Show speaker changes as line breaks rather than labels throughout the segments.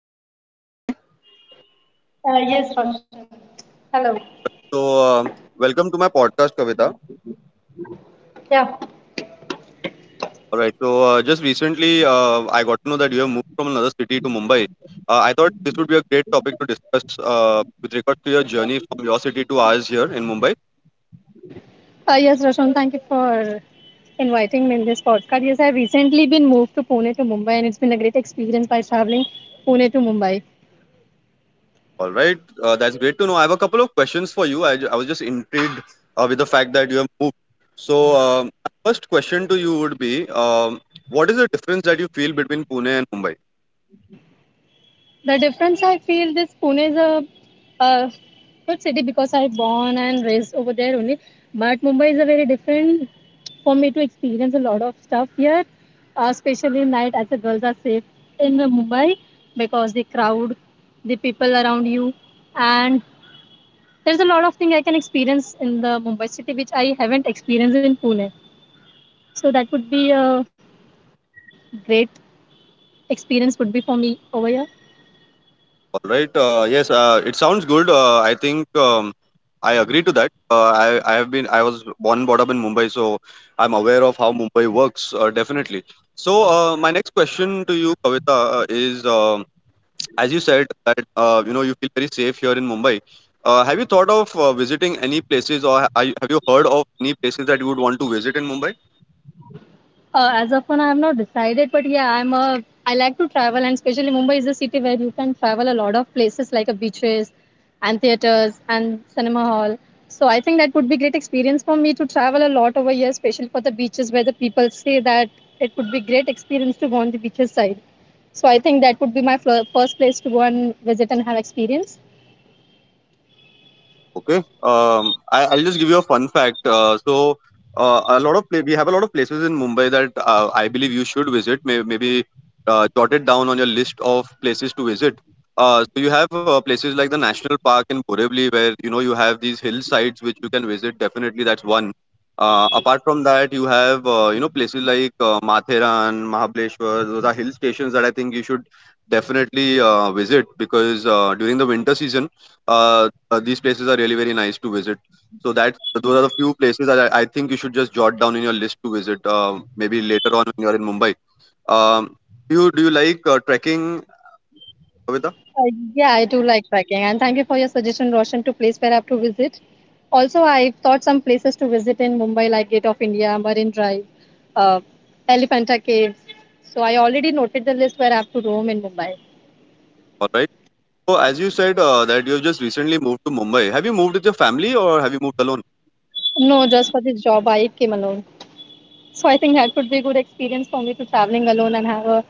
Hello, Kavita. Can you hear me?
Yes, Roshan. Hello.
So, uh, Welcome to my podcast, Kavita.
Yeah.
All right. Just recently, I got to know that you have moved from another city to Mumbai. I thought this would be a great topic to discuss with regards to your journey from your city to ours here in Mumbai.
Yes, Roshan, thank you for inviting me in this podcast. Yes, I recently been moved to Pune to Mumbai, and it's been a great experience by traveling Pune to Mumbai.
All right. That's great to know. I have a couple of questions for you. I was just intrigued with the fact that you have moved. So my first question to you would be what is the difference that you feel between Pune and Mumbai?
The difference I feel this Pune is a good city because I born and raised over there only, but Mumbai is a very different for me to experience a lot of stuff here, especially night as the girls are safe in Mumbai because the crowd, the people around you, and there's a lot of things I can experience in the Mumbai city which I haven't experienced in Pune. So that would be a great experience would be for me over here.
All right. Yes. It sounds good. I think I agree to that. I have been I was born and brought up in Mumbai, so I'm aware of how Mumbai works. Definitely. So my next question to you, Kavita, is as you said that you know you feel very safe here in Mumbai. Have you thought of visiting any places, or are you, have you heard of any places that you would want to visit in Mumbai?
As of now, I have not decided, but yeah, I'm a. I like to travel, and especially Mumbai is a city where you can travel a lot of places like a beaches, and theaters, and cinema hall. So I think that would be great experience for me to travel a lot over here, especially for the beaches where the people say that it would be great experience to go on the beaches side. So I think that would be my first place to go and visit and have experience.
Okay. I'll just give you a fun fact. A lot of we have a lot of places in Mumbai that I believe you should visit. Maybe jot it down on your list of places to visit. So you have places like the national park in Borivali, where you know you have these hillsides which you can visit. Definitely, that's one. Apart from that, you have you know places like Matheran, Mahabaleshwar. Those are hill stations that I think you should definitely visit because during the winter season. uh, these places are really very nice to visit. So that those are the few places that I think you should just jot down in your list to visit. Maybe later on when you're in Mumbai. Um, do you like trekking, Kavita?
Uh, yeah, I do like trekking, and thank you for your suggestion, Roshan, to place where I have to visit. Also, I've thought some places to visit in Mumbai, like Gate of India, Marine Drive, uh, Elephanta Caves. So I already noted the list where I have to roam in Mumbai.
All right. So as you said that you've just recently moved to Mumbai. Have you moved with your family or have you moved alone?
No, just for this job, I came alone. So I think that would be a good experience for me to traveling alone and have a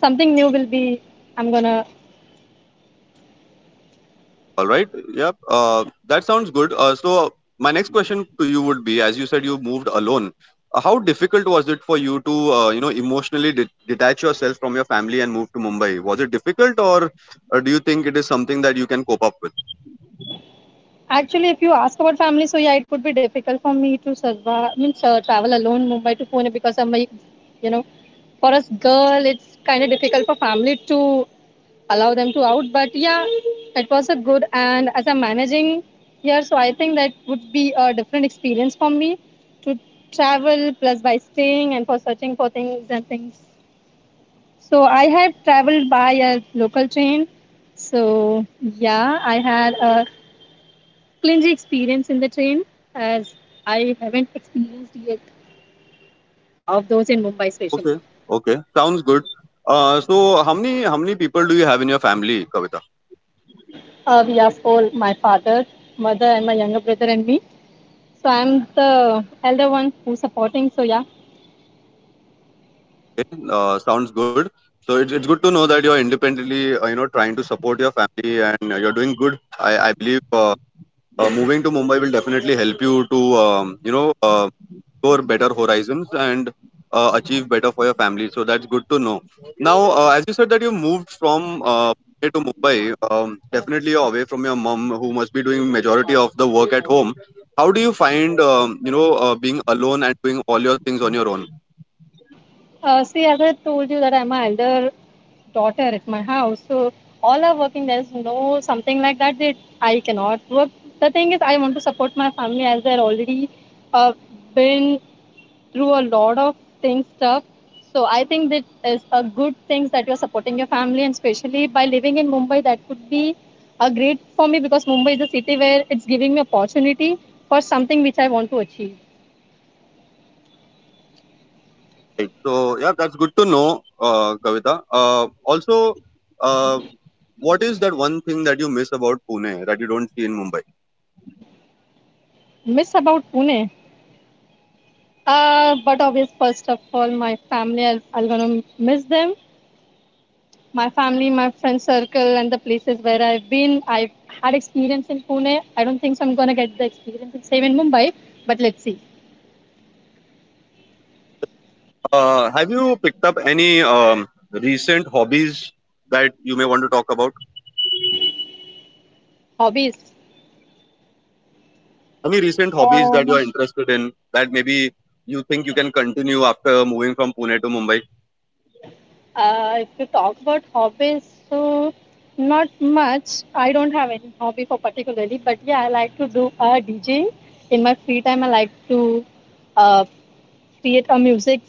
something new. Will be I'm gonna
All right. Yep. That sounds good. My next question to you would be: as you said, you moved alone. How difficult was it for you to, you know, emotionally detach yourself from your family and move to Mumbai? Was it difficult, or do you think it is something that you can cope up with?
Actually, if you ask about family, so yeah, it would be difficult for me to survive, means travel alone Mumbai to Pune because I'm like, you know, for us girl, it's kind of difficult for family to allow them to out. But yeah, it was a good and as I'm managing here, so I think that would be a different experience for me to travel plus by staying and for searching for things and things. So I had traveled by a local train. So yeah, I had a Clingy experience in the train, as I haven't experienced yet of those in Mumbai, especially.
Okay. Okay. Sounds good. So how many people do you have in your family, Kavita?
We are four my father, mother, and my younger brother, and me. So I'm the elder one who's supporting. So, yeah.
Sounds good. So it's good to know that you're independently, you know, trying to support your family and you're doing good. I believe. Moving to Mumbai will definitely help you to you know explore better horizons and achieve better for your family. So that's good to know. Now, as you said that you moved from Pune to Mumbai, definitely you're away from your mom, who must be doing majority of the work at home. How do you find you know being alone and doing all your things on your own?
See, as I told you, that I'm an elder daughter at my house. So, all are working. There's no something like that that I cannot work. The thing is, I want to support my family as they're already uh, been through a lot of things stuff, so I think that is a good thing that you're supporting your family and especially by living in Mumbai that could be a great for me because Mumbai is a city where it's giving me opportunity for something which I want to achieve.
Right. So yeah, that's good to know, Kavita. Uh, what is that one thing that you miss about Pune that you don't see in Mumbai?
Miss about Pune, but obvious, first of all my family I'll, I'm gonna miss them. My family, my friend circle, and the places where I've been, I've had experience in Pune. I don't think so I'm gonna get the experience in same in Mumbai, but let's see.
Have you picked up any recent hobbies that you may want to talk about?
Hobbies.
Up any recent hobbies that you
uh,
are interested in that maybe you think you can continue after moving from Pune to Mumbai?
if you talk about hobbies, so not much. I don't have any hobby for particularly, but yeah, I like to do DJing. In my free time, I like to uh, create a music,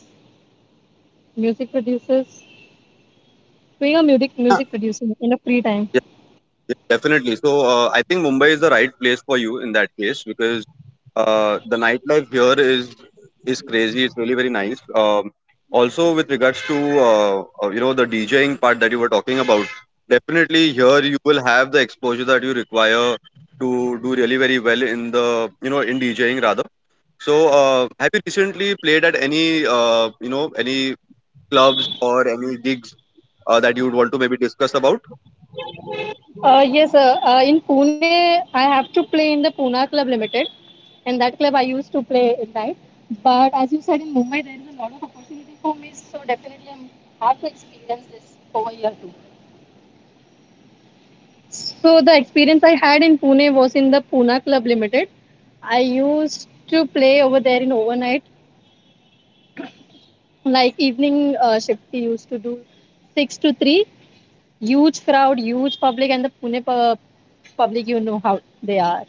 music producers, doing a music
Yeah.
music producer in a free time.
Definitely. So I think Mumbai is the right place for you in that case because the nightlife here is crazy. It's really very nice. Also, with regards to you know the DJing part that you were talking about, definitely here you will have the exposure that you require to do really very well in the you know in DJing rather. So have you recently played at any you know any clubs or any gigs that you would want to maybe discuss about?
Yes, in Pune, I have to play in the Pune Club Limited. And that club, I used to play at night. But as you said, in Mumbai, there is a lot of opportunity for me, so definitely I have to experience this over here too. So the experience I had in Pune was in the Pune Club Limited. I used to play over there in overnight, like evening shift. We used to do six to three. Huge crowd, huge public, and the public, you know how they are.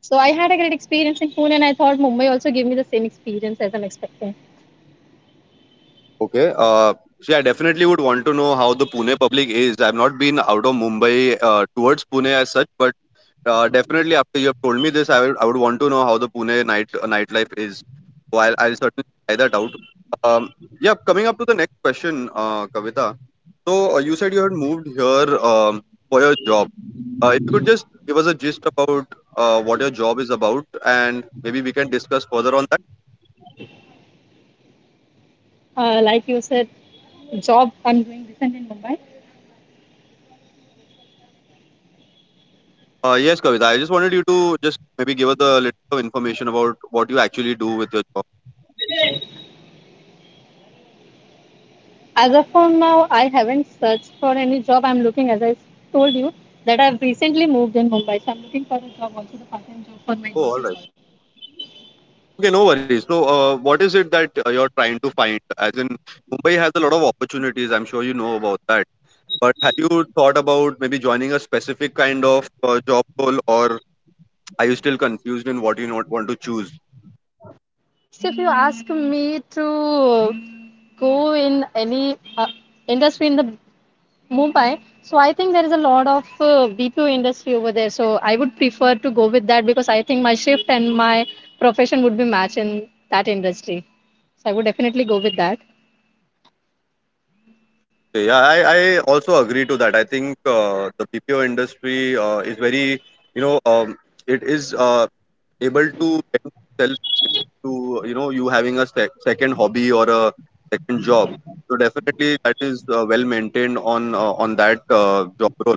So I had a great experience in Pune, and I thought Mumbai also gave me the same experience as I'm expecting.
Okay. See, I definitely would want to know how the Pune public is. I've not been out of Mumbai towards Pune as such, but definitely after you have told me this, I would want to know how the Pune nightlife is. So I'll certainly try that out. Um, yeah. Coming up to the next question, Kavita. So you said you had moved here for your job. If you could just give us a gist about what your job is about, and maybe we can discuss further on.
Like you said, job I'm doing decent in Mumbai.
Yes, Kavita. I just wanted you to just maybe give us a little of information about what you actually do with your job.
As of for now, I haven't searched for any job. I'm looking, as I told you, that I've recently moved in Mumbai. So I'm looking for a job, also the part-time job for my
Oh,
DJ.
all
Work.
right. Okay, no worries. So, what is it that you're trying to find? As in, Mumbai has a lot of opportunities. I'm sure you know about that. But have you thought about maybe joining a specific kind of job role, or are you still confused in what you not want to choose? Okay, yeah, I also agree to that. I think the BPO industry is very, you know, it is able to bend to you know you having a second hobby or a second job, so definitely that is well maintained on that job role.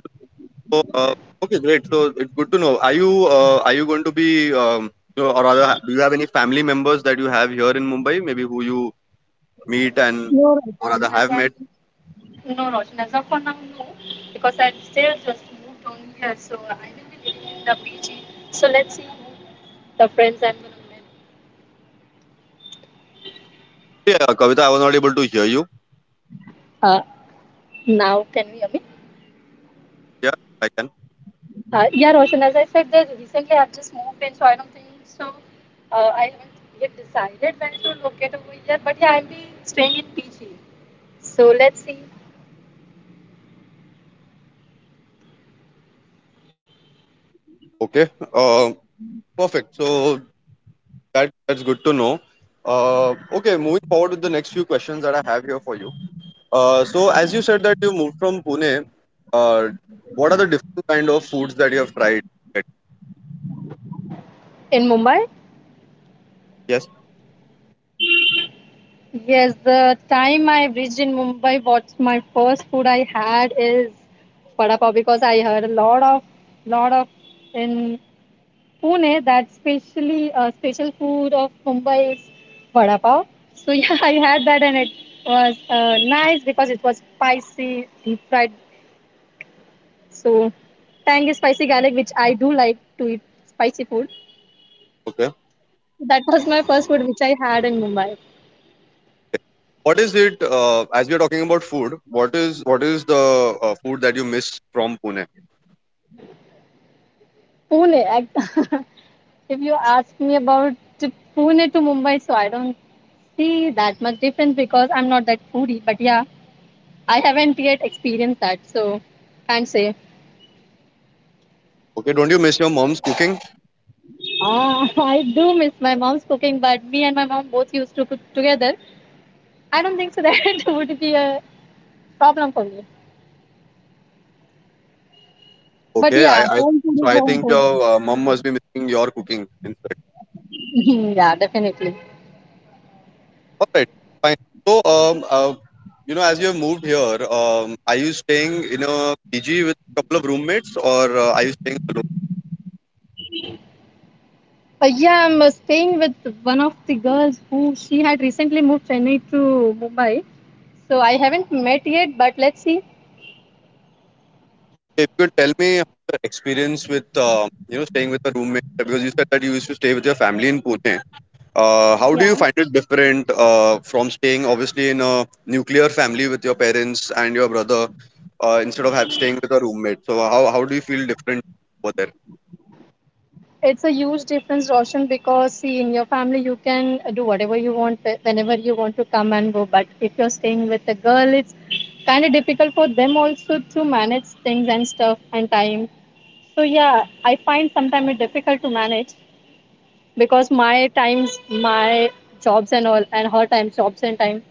So okay, great, so it's good to know. Are you are you going to be um, you know, or rather do you have any family members that you have here in Mumbai maybe who you meet and or rather have met?
No, Roshan, as I no, Roshan, as of for now, no, because I've still just moved on here, so I will be living in the PG. So let's see who the friends I'm gonna meet.
Yeah, Kavita, I was not able to hear you.
Uh, now can we? Hear me?
Yeah, I can.
Yeah, Roshan, as I said, that recently I've just moved in, so I don't think so. I haven't yet decided where to locate over here, but yeah, I'll be staying in PG. So let's see
Okay. uh, Perfect. So that's good to know. uh, okay, moving forward with the next few questions that I have here for you. So as you said that you moved from Pune, uh, what are the different kind of foods that you have tried?
in Mumbai.
Yes.
Yes, the time I reached in Mumbai, my first food I had is vada pav because I heard a lot of in Pune that specially special food of Mumbai is vada pav. So yeah, I had that and it was nice because it was spicy, deep fried. So tangy spicy garlic, which I do like to eat spicy food.
Okay.
That was my first food which I had in Mumbai.
What is it? As we are talking about food, what is the food that you miss from Pune?
Pune. If you ask me about to Pune to Mumbai, so I don't see that much difference because I'm not that foodie. But yeah, I haven't yet experienced that, so can't say.
Okay. Don't you miss your mom's cooking?
Ah, I do miss my mom's cooking, but me and my mom both used to cook together. I don't think so that it would be a problem for me. But
Okay.
yeah,
I
home food
So
is
I
home
think
food.
your mom must be missing your cooking instead.
Yeah, definitely.
All right. Fine. So you know as you have moved here, are you staying in a PG with a couple of roommates or are you staying alone?
Yeah, I'm staying with one of the girls who she had recently moved Chennai to Mumbai. So I haven't met yet, but let's see.
If you could tell me the experience with you know staying with a roommate, because you said that you used to stay with your family in Pune.
Yeah.
How do you find it different from staying obviously in a nuclear family with your parents and your brother instead of staying with a roommate? So how do you feel different over there?
It's a huge difference, Roshan, because see, in your family, you can do whatever you want whenever you want to come and go. But if you're staying with a girl, it's kind of difficult for them also to manage things and stuff and time. So, yeah, I find sometimes it difficult to manage because my times, my jobs and all, and her time, jobs and time,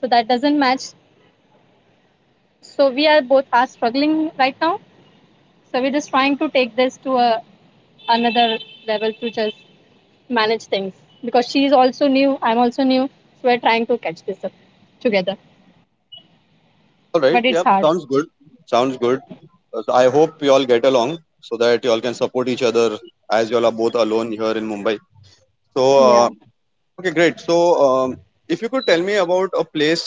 so that doesn't match. So we are both are struggling right now, so we're just trying to take this to a another level to just manage things because she's also new, I'm also new, so we're trying to catch this up together,
All right.
but it's
Yeah.
hard.
Sounds good. Sounds good. I hope you all get along so that you all can support each other as you all are both alone here in Mumbai. So
Yeah,
okay, great. So, um, if you could tell me about a place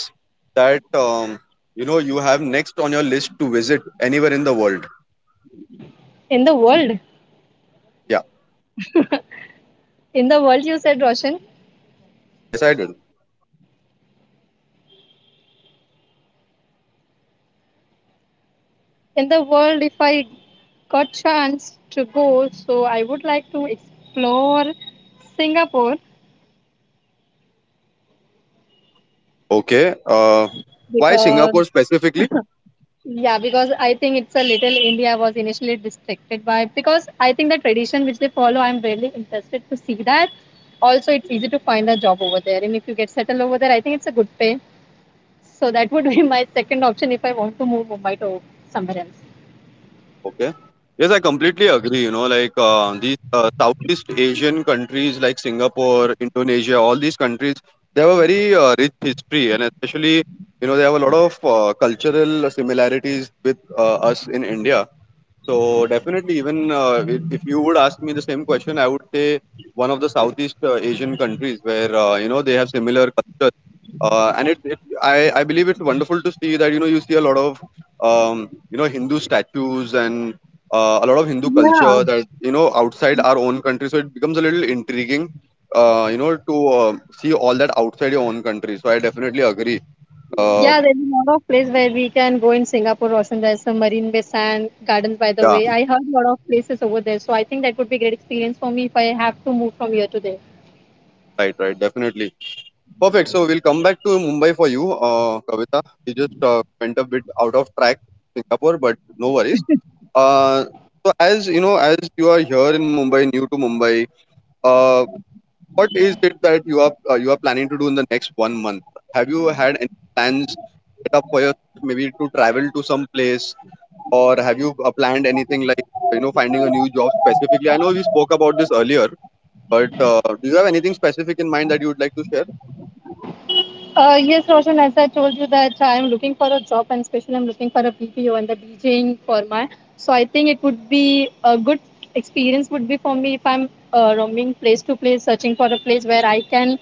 that you know you have next on your list to visit anywhere in the world.
in the world.
Yeah,
In the world you said, Roshan?
yes, I did.
In the world, if I got chance to go, so I would like to explore Singapore.
Okay. Why
Because
Singapore specifically?
yeah, because I think it's a little India was initially distracted by, because I think the tradition which they follow, I'm really interested to see that. Also, it's easy to find a job over there, and if you get settled over there, I think it's a good pay. So that would be my second option if I want to move Mumbai to somewhere else.
Okay. Yes, I completely agree. You know, like these Southeast Asian countries like Singapore, Indonesia, all these countries, they have a very rich history, and especially you know they have a lot of cultural similarities with us in India. So definitely, even if you would ask me the same question, I would say one of the Southeast Asian countries where you know they have similar cultures, and it I believe it's wonderful to see that you know you see a lot of you know Hindu statues and a lot of Hindu culture
Yeah.
that you know outside our own country. So it becomes a little intriguing, you know, to see all that outside your own country. So I definitely agree. Uh,
Yeah, there's a lot of place where we can go in Singapore. Roshan, there's some Marine Bay Sand Gardens, by the
yeah,
way. I heard a lot of places over there, so I think that would be great experience for me if I have to move from here to there.
right, right, definitely. Perfect. So we'll come back to Mumbai for you, Kavita. You just went a bit out of track, Singapore, but no worries. Uh, so as you know, as you are here in Mumbai, new to Mumbai, uh, what is it that you are planning to do in the next 1 month? Have you had any plans set up for yourself, maybe to travel to some place, or have you planned anything like you know finding a new job specifically? I know we spoke about this earlier, but do you have anything specific in mind that you would like to share?
Yes, Roshan, as I told you that I am looking for a job and especially I'm looking for a BPO and the DJing for my. So I think it would be a good experience would be for me if I'm roaming place to place, searching for a place where I can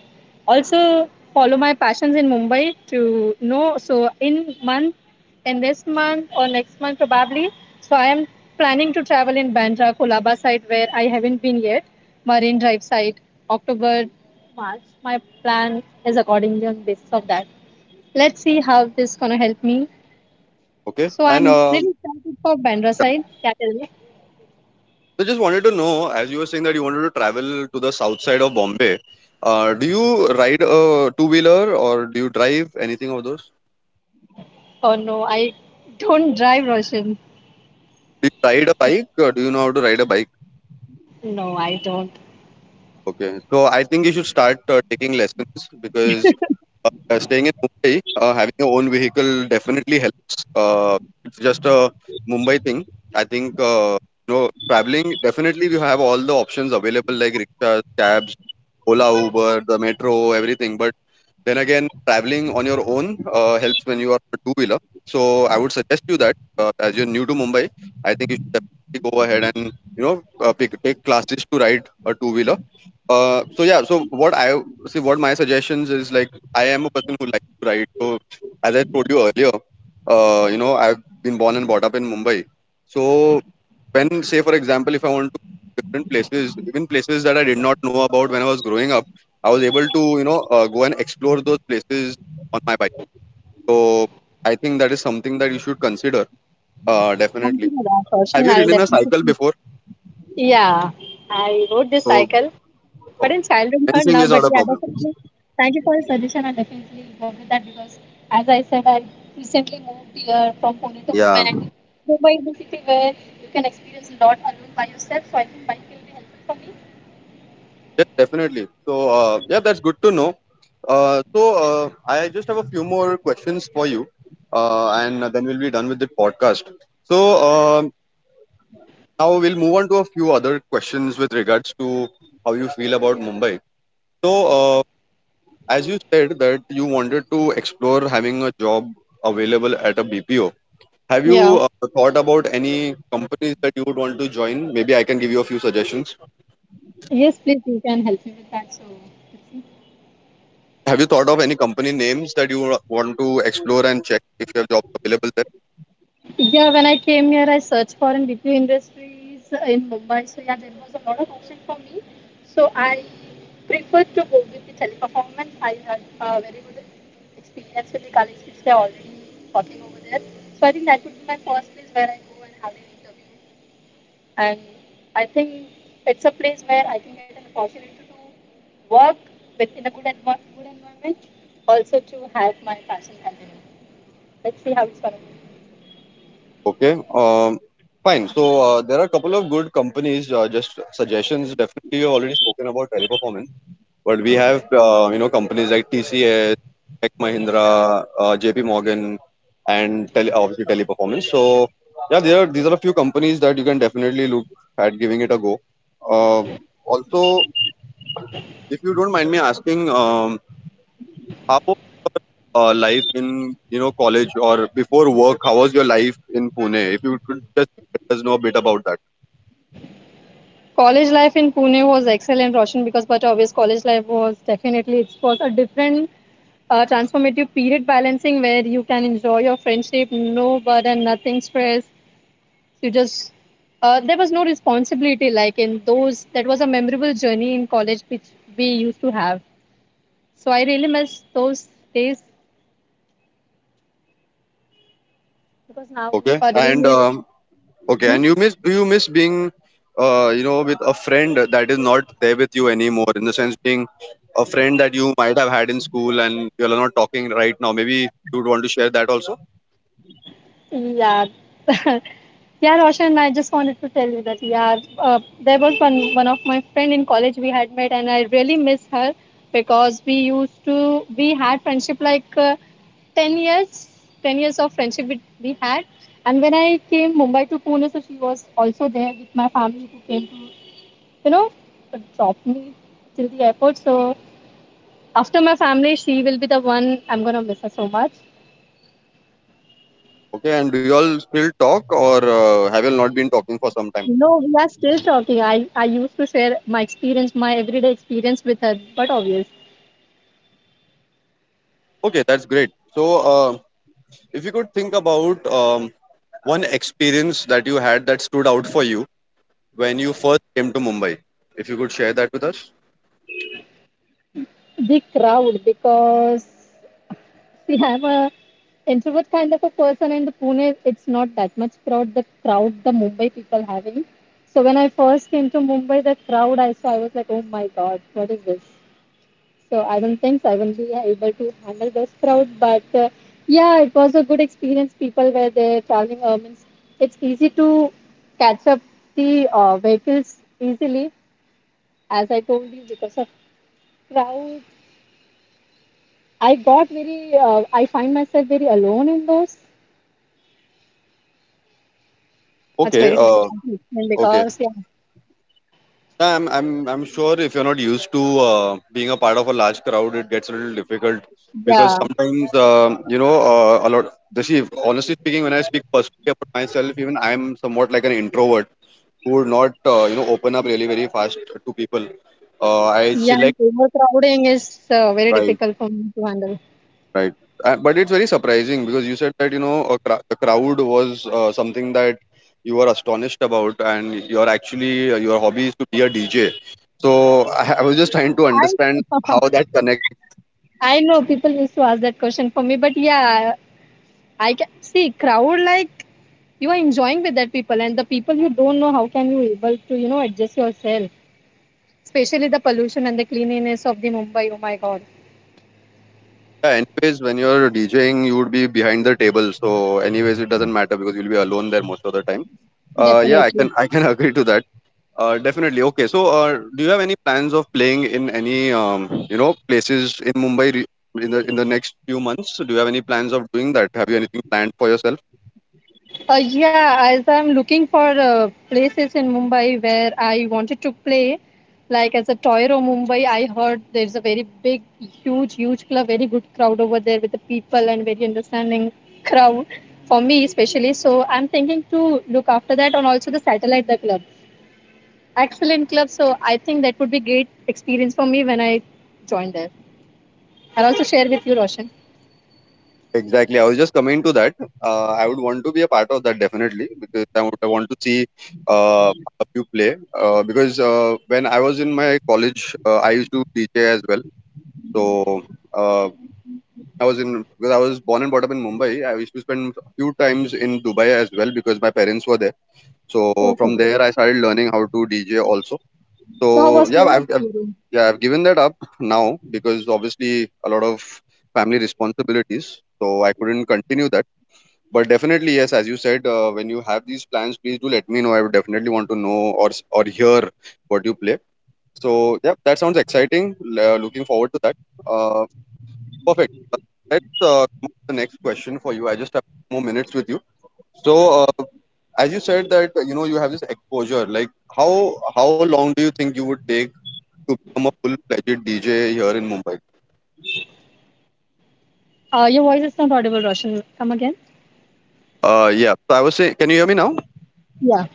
also follow my passions in Mumbai to know. So in month, in this month or next month probably. So I am planning to travel in Bandra, Kolaba side where I haven't been yet, Marine Drive side, October March. My plan is accordingly on the basis of that. Let's see how this gonna help me.
Okay,
So
and
I'm really excited for Bandra side. Yeah, tell me.
I just wanted to know, as you were saying that you wanted to travel to the south side of Bombay, do you ride a two wheeler or do you drive anything of those?
Oh no, I don't drive, Roshan.
Do you ride a bike? Or do you know how to ride a bike?
No, I don't.
Okay, so I think you should start taking lessons because staying in Mumbai, having your own vehicle definitely helps. It's just a Mumbai thing. I think you know traveling definitely you have all the options available like rickshaws, cabs, Ola, Uber, the metro, everything. But then again, traveling on your own helps when you are a two wheeler. So I would suggest you that as you're new to Mumbai, I think you should definitely go ahead and you know take classes to ride a two wheeler. So yeah, so what my suggestions is like, I am a person who likes to ride. So as I told you earlier, you know, I've been born and brought up in Mumbai. So when, say for example, if I want to go to different places, even places that I did not know about when I was growing up, I was able to you know go and explore those places on my bike. So I think that is something that you should consider,
Thank
definitely.
you for that,
Have
Roshan.
you
I'll
ridden a cycle
definitely.
before?
Yeah, I rode this
So
cycle.
okay,
But in childhood, not
balancing
now.
is
But
not a
yeah,
problem?
definitely. Thank you for the suggestion. I definitely go with that because, as I said, I recently moved here from Pune to Mumbai,
Yeah.
and Mumbai is the city where you can experience a lot alone by yourself. So I think bike will be helpful for me.
Yes, definitely. So, yeah, that's good to know. I just have a few more questions for you, and then we'll be done with the podcast. So, uh, Now we'll move on to a few other questions with regards to how you feel about Mumbai. So, as you said that you wanted to explore having a job available at a BPO, have
Yeah.
you thought about any companies that you would want to join? Maybe I can give you a few suggestions.
Yes, please. You can help me with that. So. It's
Have you thought of any company names that you want to explore and check if you have jobs available there?
yeah, when I came here, I searched for in BPO industries in Mumbai. So yeah, there was a lot of option for me. So I preferred to go with the Teleperformance. I had a very good experience with the colleagues which they are already working over there. So I think that would be my first place where I go and have an interview. And I think it's a place where I can get an opportunity to work with in a good, good environment, also to have my passion continue. Let's see how it's going to.
Okay. Fine. So there are a couple of good companies. Just suggestions. Definitely, you have already spoken about Teleperformance. But we have you know companies like TCS, Tech Mahindra, JP Morgan, and obviously Teleperformance. So yeah, there are these are a few companies that you can definitely look at giving it a go. Um Also, if you don't mind me asking, how life in you know college or before work? How was your life in Pune? If you could just let us know a bit about that.
College life in Pune was excellent, Roshan, because but obvious college life was definitely it was a different transformative period balancing where you can enjoy your friendship, no burden, nothing stress. You just there was no responsibility like in those. That was a memorable journey in college which we used to have. So I really miss those days because now
Okay,
a dream
and
is.
okay, and
Hmm?
you miss being, you know, with a friend that is not there with you anymore. In the sense, being a friend that you might have had in school and you all are not talking right now. Maybe you'd want to share that also.
Yeah. Yeah, Roshan, I just wanted to tell you that yeah, there was one of my friend in college we had met, and I really miss her because we used to we had friendship like 10 years, 10 years of friendship we had, and when I came Mumbai to Pune, so she was also there with my family who came to you know drop me till the airport. So after my family, she will be the one I'm gonna miss her so much.
Okay, and do you all still talk, or have you all not been talking for some time?
No, we are still talking. I used to share my experience, my everyday experience with her, but obvious.
Okay, that's great. So, uh, if you could think about one experience that you had that stood out for you when you first came to Mumbai, if you could share that with us.
The crowd, because see, I'm a introvert kind of a person, and the Pune, it's not that much crowd. The crowd, the Mumbai people having. So when I first came to Mumbai, the crowd I saw, I was like, oh my god, what is this? So I don't think so I will be able to handle this crowd. But yeah, it was a good experience. People were there traveling. Means it's easy to catch up the vehicles easily, as I told you, because of crowds. I got very, I find myself very alone in those. That's
Okay.
very difficult to explain
Okay.
because yeah,
Yeah, I'm sure if you're not used to being a part of a large crowd, it gets a little difficult
yeah,
because sometimes, you know, a lot. See, honestly speaking, when I speak personally about myself, even I'm somewhat like an introvert who would not, you know, open up really very fast to people. I
yeah,
still
and
like.
overcrowding is very difficult for me to handle.
Right. But it's very surprising because you said that, you know, the crowd was something that you were astonished about, and you're actually, your hobby is to be a DJ. So I was just trying to understand how that connects.
I know people used to ask that question for me, but yeah, I can see crowd like you are enjoying with that people and the people you don't know how can you able to adjust yourself, especially the pollution and the cleanliness of the Mumbai. Oh my god.
Yeah, anyways, when you're DJing, you would be behind the table. So anyways, it doesn't matter because you'll be alone there most of the time. Yeah,
Definitely.
I can agree to that. Definitely. Okay. So, do you have any plans of playing in any you know places in Mumbai in the next few months? So, do you have any plans of doing that? Have you anything planned for yourself?
Yeah, as I'm looking for places in Mumbai where I wanted to play, like as a Toyro Mumbai. I heard there's a very big, huge club, very good crowd over there with the people, and very understanding crowd for me especially. So I'm thinking to look after that, and also the satellite, the club. Excellent club. So I think that would be great experience for me when I join there. I'll also share with you, Roshan.
Exactly. I was just coming to that. I would want to be a part of that definitely because I want to see uh, a few play. Because when I was in my college, I used to DJ as well. So uh, I was in because I was born and brought up in Mumbai. I used to spend few times in Dubai as well because my parents were there. So
Okay.
from there, I started learning how to DJ also.
So how
So
was
yeah,
your
I've
experience?
yeah, I've given that up now because obviously a lot of family responsibilities. So I couldn't continue that. But definitely, yes, as you said, when you have these plans, please do let me know. I would definitely want to know or hear what you play. So yeah, that sounds exciting. Looking forward to that. Perfect. Let's come up with the next question for you. I just have more minutes with you. So, as you said that you know you have this exposure, like how long do you think you would take to become a full-fledged DJ here in Mumbai?
Your voice is not audible, Roshan. Come again.
Yeah. So I was saying, can you hear me now?
Yeah.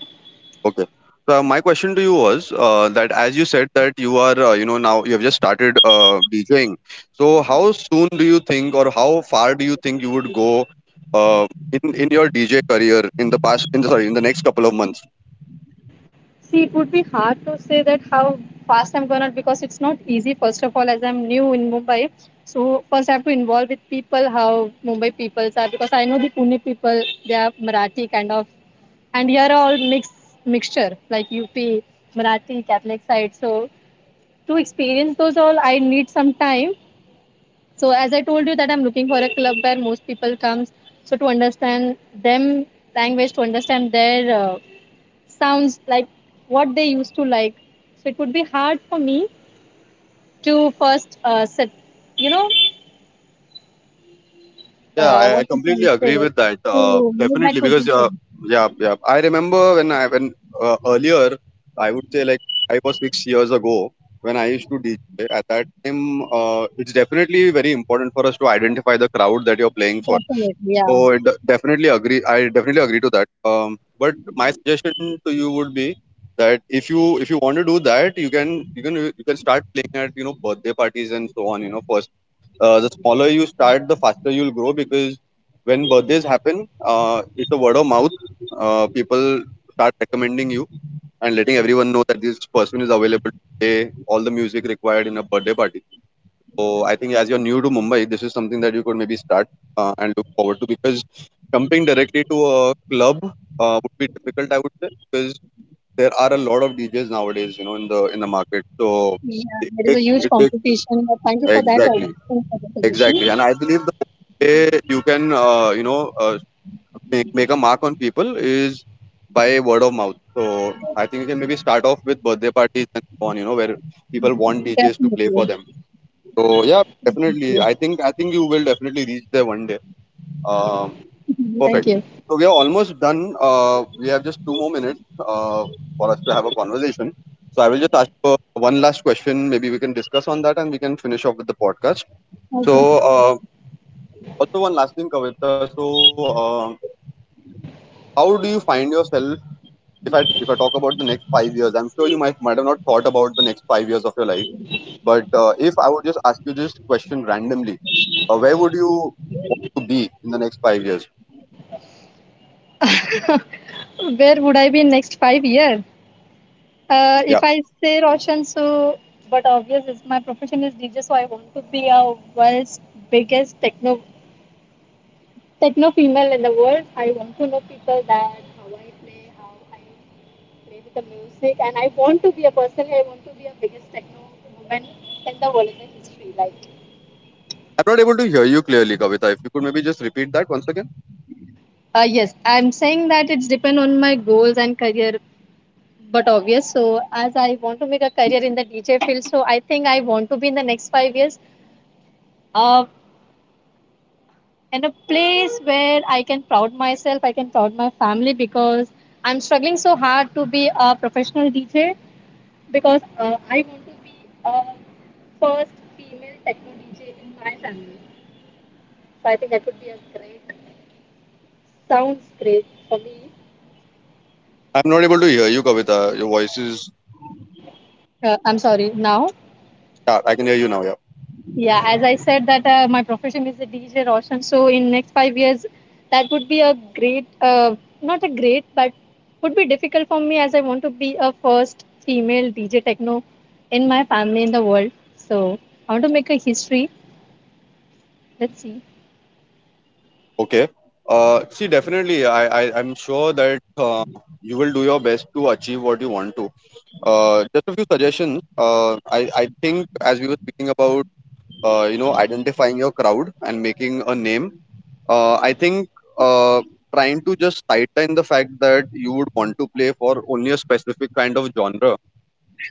Okay. So my question to you was that as you said that you are you know now you have just started DJing. So how soon do you think, or how far do you think you would go uh, in your DJ career in the past? In the next couple of months?
See, it would be hard to say that how fast I'm gonna because it's not easy. First of all, as I'm new in Mumbai, so first I have to involve with people how Mumbai peoples are because I know the Pune people they are Marathi kind of, and here are all mixed mixture like UP, Marathi, Catholic side. So to experience those all, I need some time. So as I told you that I'm looking for a club where most people comes. So to understand them language, to understand their sounds, like what they used to like. So it would be hard for me to first set, you know,
Yeah, I
what you
completely
can say,
agree with that.
to move that
Definitely, because
position.
yeah, yeah. I remember when earlier, I would say, like, 5 or 6 years ago when I used to DJ. At that time, it's definitely very important for us to identify the crowd that you're playing for.
Definitely, yeah.
So definitely agree. I definitely agree to that. But my suggestion to you would be that if you want to do that, you can you can start playing at you know birthday parties and so on. You know, the smaller you start, the faster you'll grow because when birthdays happen, it's a word of mouth. People start recommending you and letting everyone know that this person is available to play all the music required in a birthday party. So I think as you're new to Mumbai, this is something that you could maybe start and look forward to, because jumping directly to a club would be difficult, I would say, because there are a lot of DJs nowadays, you know, in the market. So
Yeah, there is a huge
it takes
competition. But thank you for that.
exactly.
Thank you for the
Exactly, and
position.
I believe the way you can you know make a mark on people is by word of mouth. So I think you can maybe start off with birthday parties and so on. You know, where people want DJs to play
Definitely.
for them. So yeah,
Thank
definitely.
you.
I think you will definitely reach there one day. Um,
Thank
perfect.
you.
So we are almost done. We have just two more minutes for us to have a conversation. So I will just ask you one last question. Maybe we can discuss on that, and we can finish off with the podcast. So,
Okay.
uh, also, one last thing, Kavita. So, how do you find yourself? If I talk about the next 5 years, I'm sure you might have not thought about the next 5 years of your life. But if I would just ask you this question randomly, where would you be in the next 5 years?
Where would I be in next 5 years? If I
Yeah,
say Roshan, so but obvious is my profession is DJ, so I want to be a world's biggest techno, female in the world. I want to know people that how I play with the music, and I want to be a person. I want to be a biggest techno woman in the world in the history. Like,
I'm not able to hear you clearly, Kavita. If you could maybe just repeat that once again.
yes, I'm saying that it's depend on my goals and career but obvious. So as I want to make a career in the DJ field, so I think I want to be in the next 5 years uh, in a place where I can proud myself, I can proud my family because I'm struggling so hard to be a professional DJ because I want to be a first female techno DJ in my family. So I think that would be a great, sounds great for me.
I'm not able to hear you, Kavita. Your voice is,
I'm sorry, now?
yeah, I can hear you now. Yeah.
Yeah, as I said that my profession is a DJ Roshan. So in next 5 years, that would be a great, not a great, but would be difficult for me as I want to be a first female DJ techno in my family in the world. So I want to make a history. Let's see.
Okay. See, definitely, I'm sure that you will do your best to achieve what you want to. Just a few suggestions. I think as we were speaking about, you know, identifying your crowd and making a name, I think uh, trying to just sideline the fact that you would want to play for only a specific kind of genre.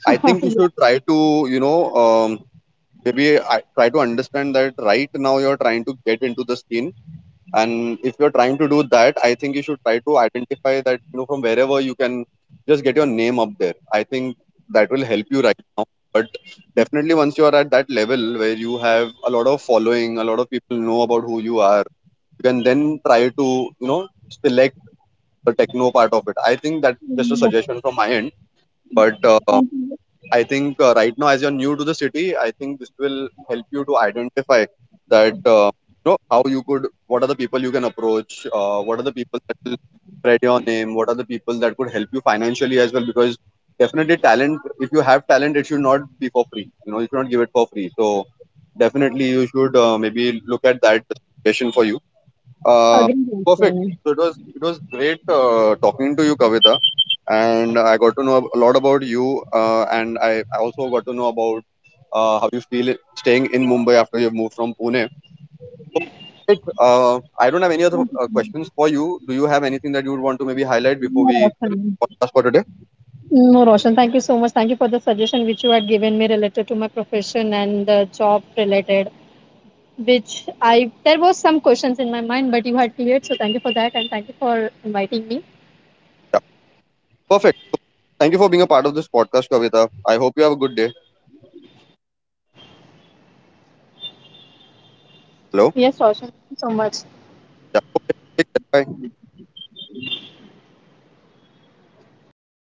I think you should try to, you know, maybe I try to understand that right now you're trying to get into the scene, and if you're trying to do that, I think you should try to identify that, you know, from wherever you can, just get your name up there. I think that will help you right now. But definitely, once you're at that level where you have a lot of following, a lot of people know about who you are, you can then try to, you know, select the techno part of it. I think that's just a
Mm.
suggestion from my end, but I think right now, as you're new to the city, I think this will help you to identify that you know how you could, what are the people you can approach, what are the people that will spread your name, what are the people that could help you financially as well. Because definitely, talent, if you have talent, it should not be for free. You know, you should not give it for free. So definitely, you should maybe look at that situation for you. uh,
Again,
Perfect.
Roshan.
So it was, it was great talking to you, Kavita, and I got to know a lot about you, and I also got to know about how you feel staying in Mumbai after you've moved from Pune. Great. I don't have any other questions for you. Do you have anything that you would want to maybe highlight before
Yeah,
we finish
Roshan.
the podcast for today?
No, Roshan, thank you so much. Thank you for the suggestion which you had given me related to my profession and the job related, which I there was some questions in my mind, but you had cleared. So thank you for that, and thank you for inviting me.
Yeah. Perfect. So, thank you for being a part of this podcast, Kavita. I hope you have a good day.
Yes,
Hello.
Roshan, thank you so much.
Yeah. Take care. Bye.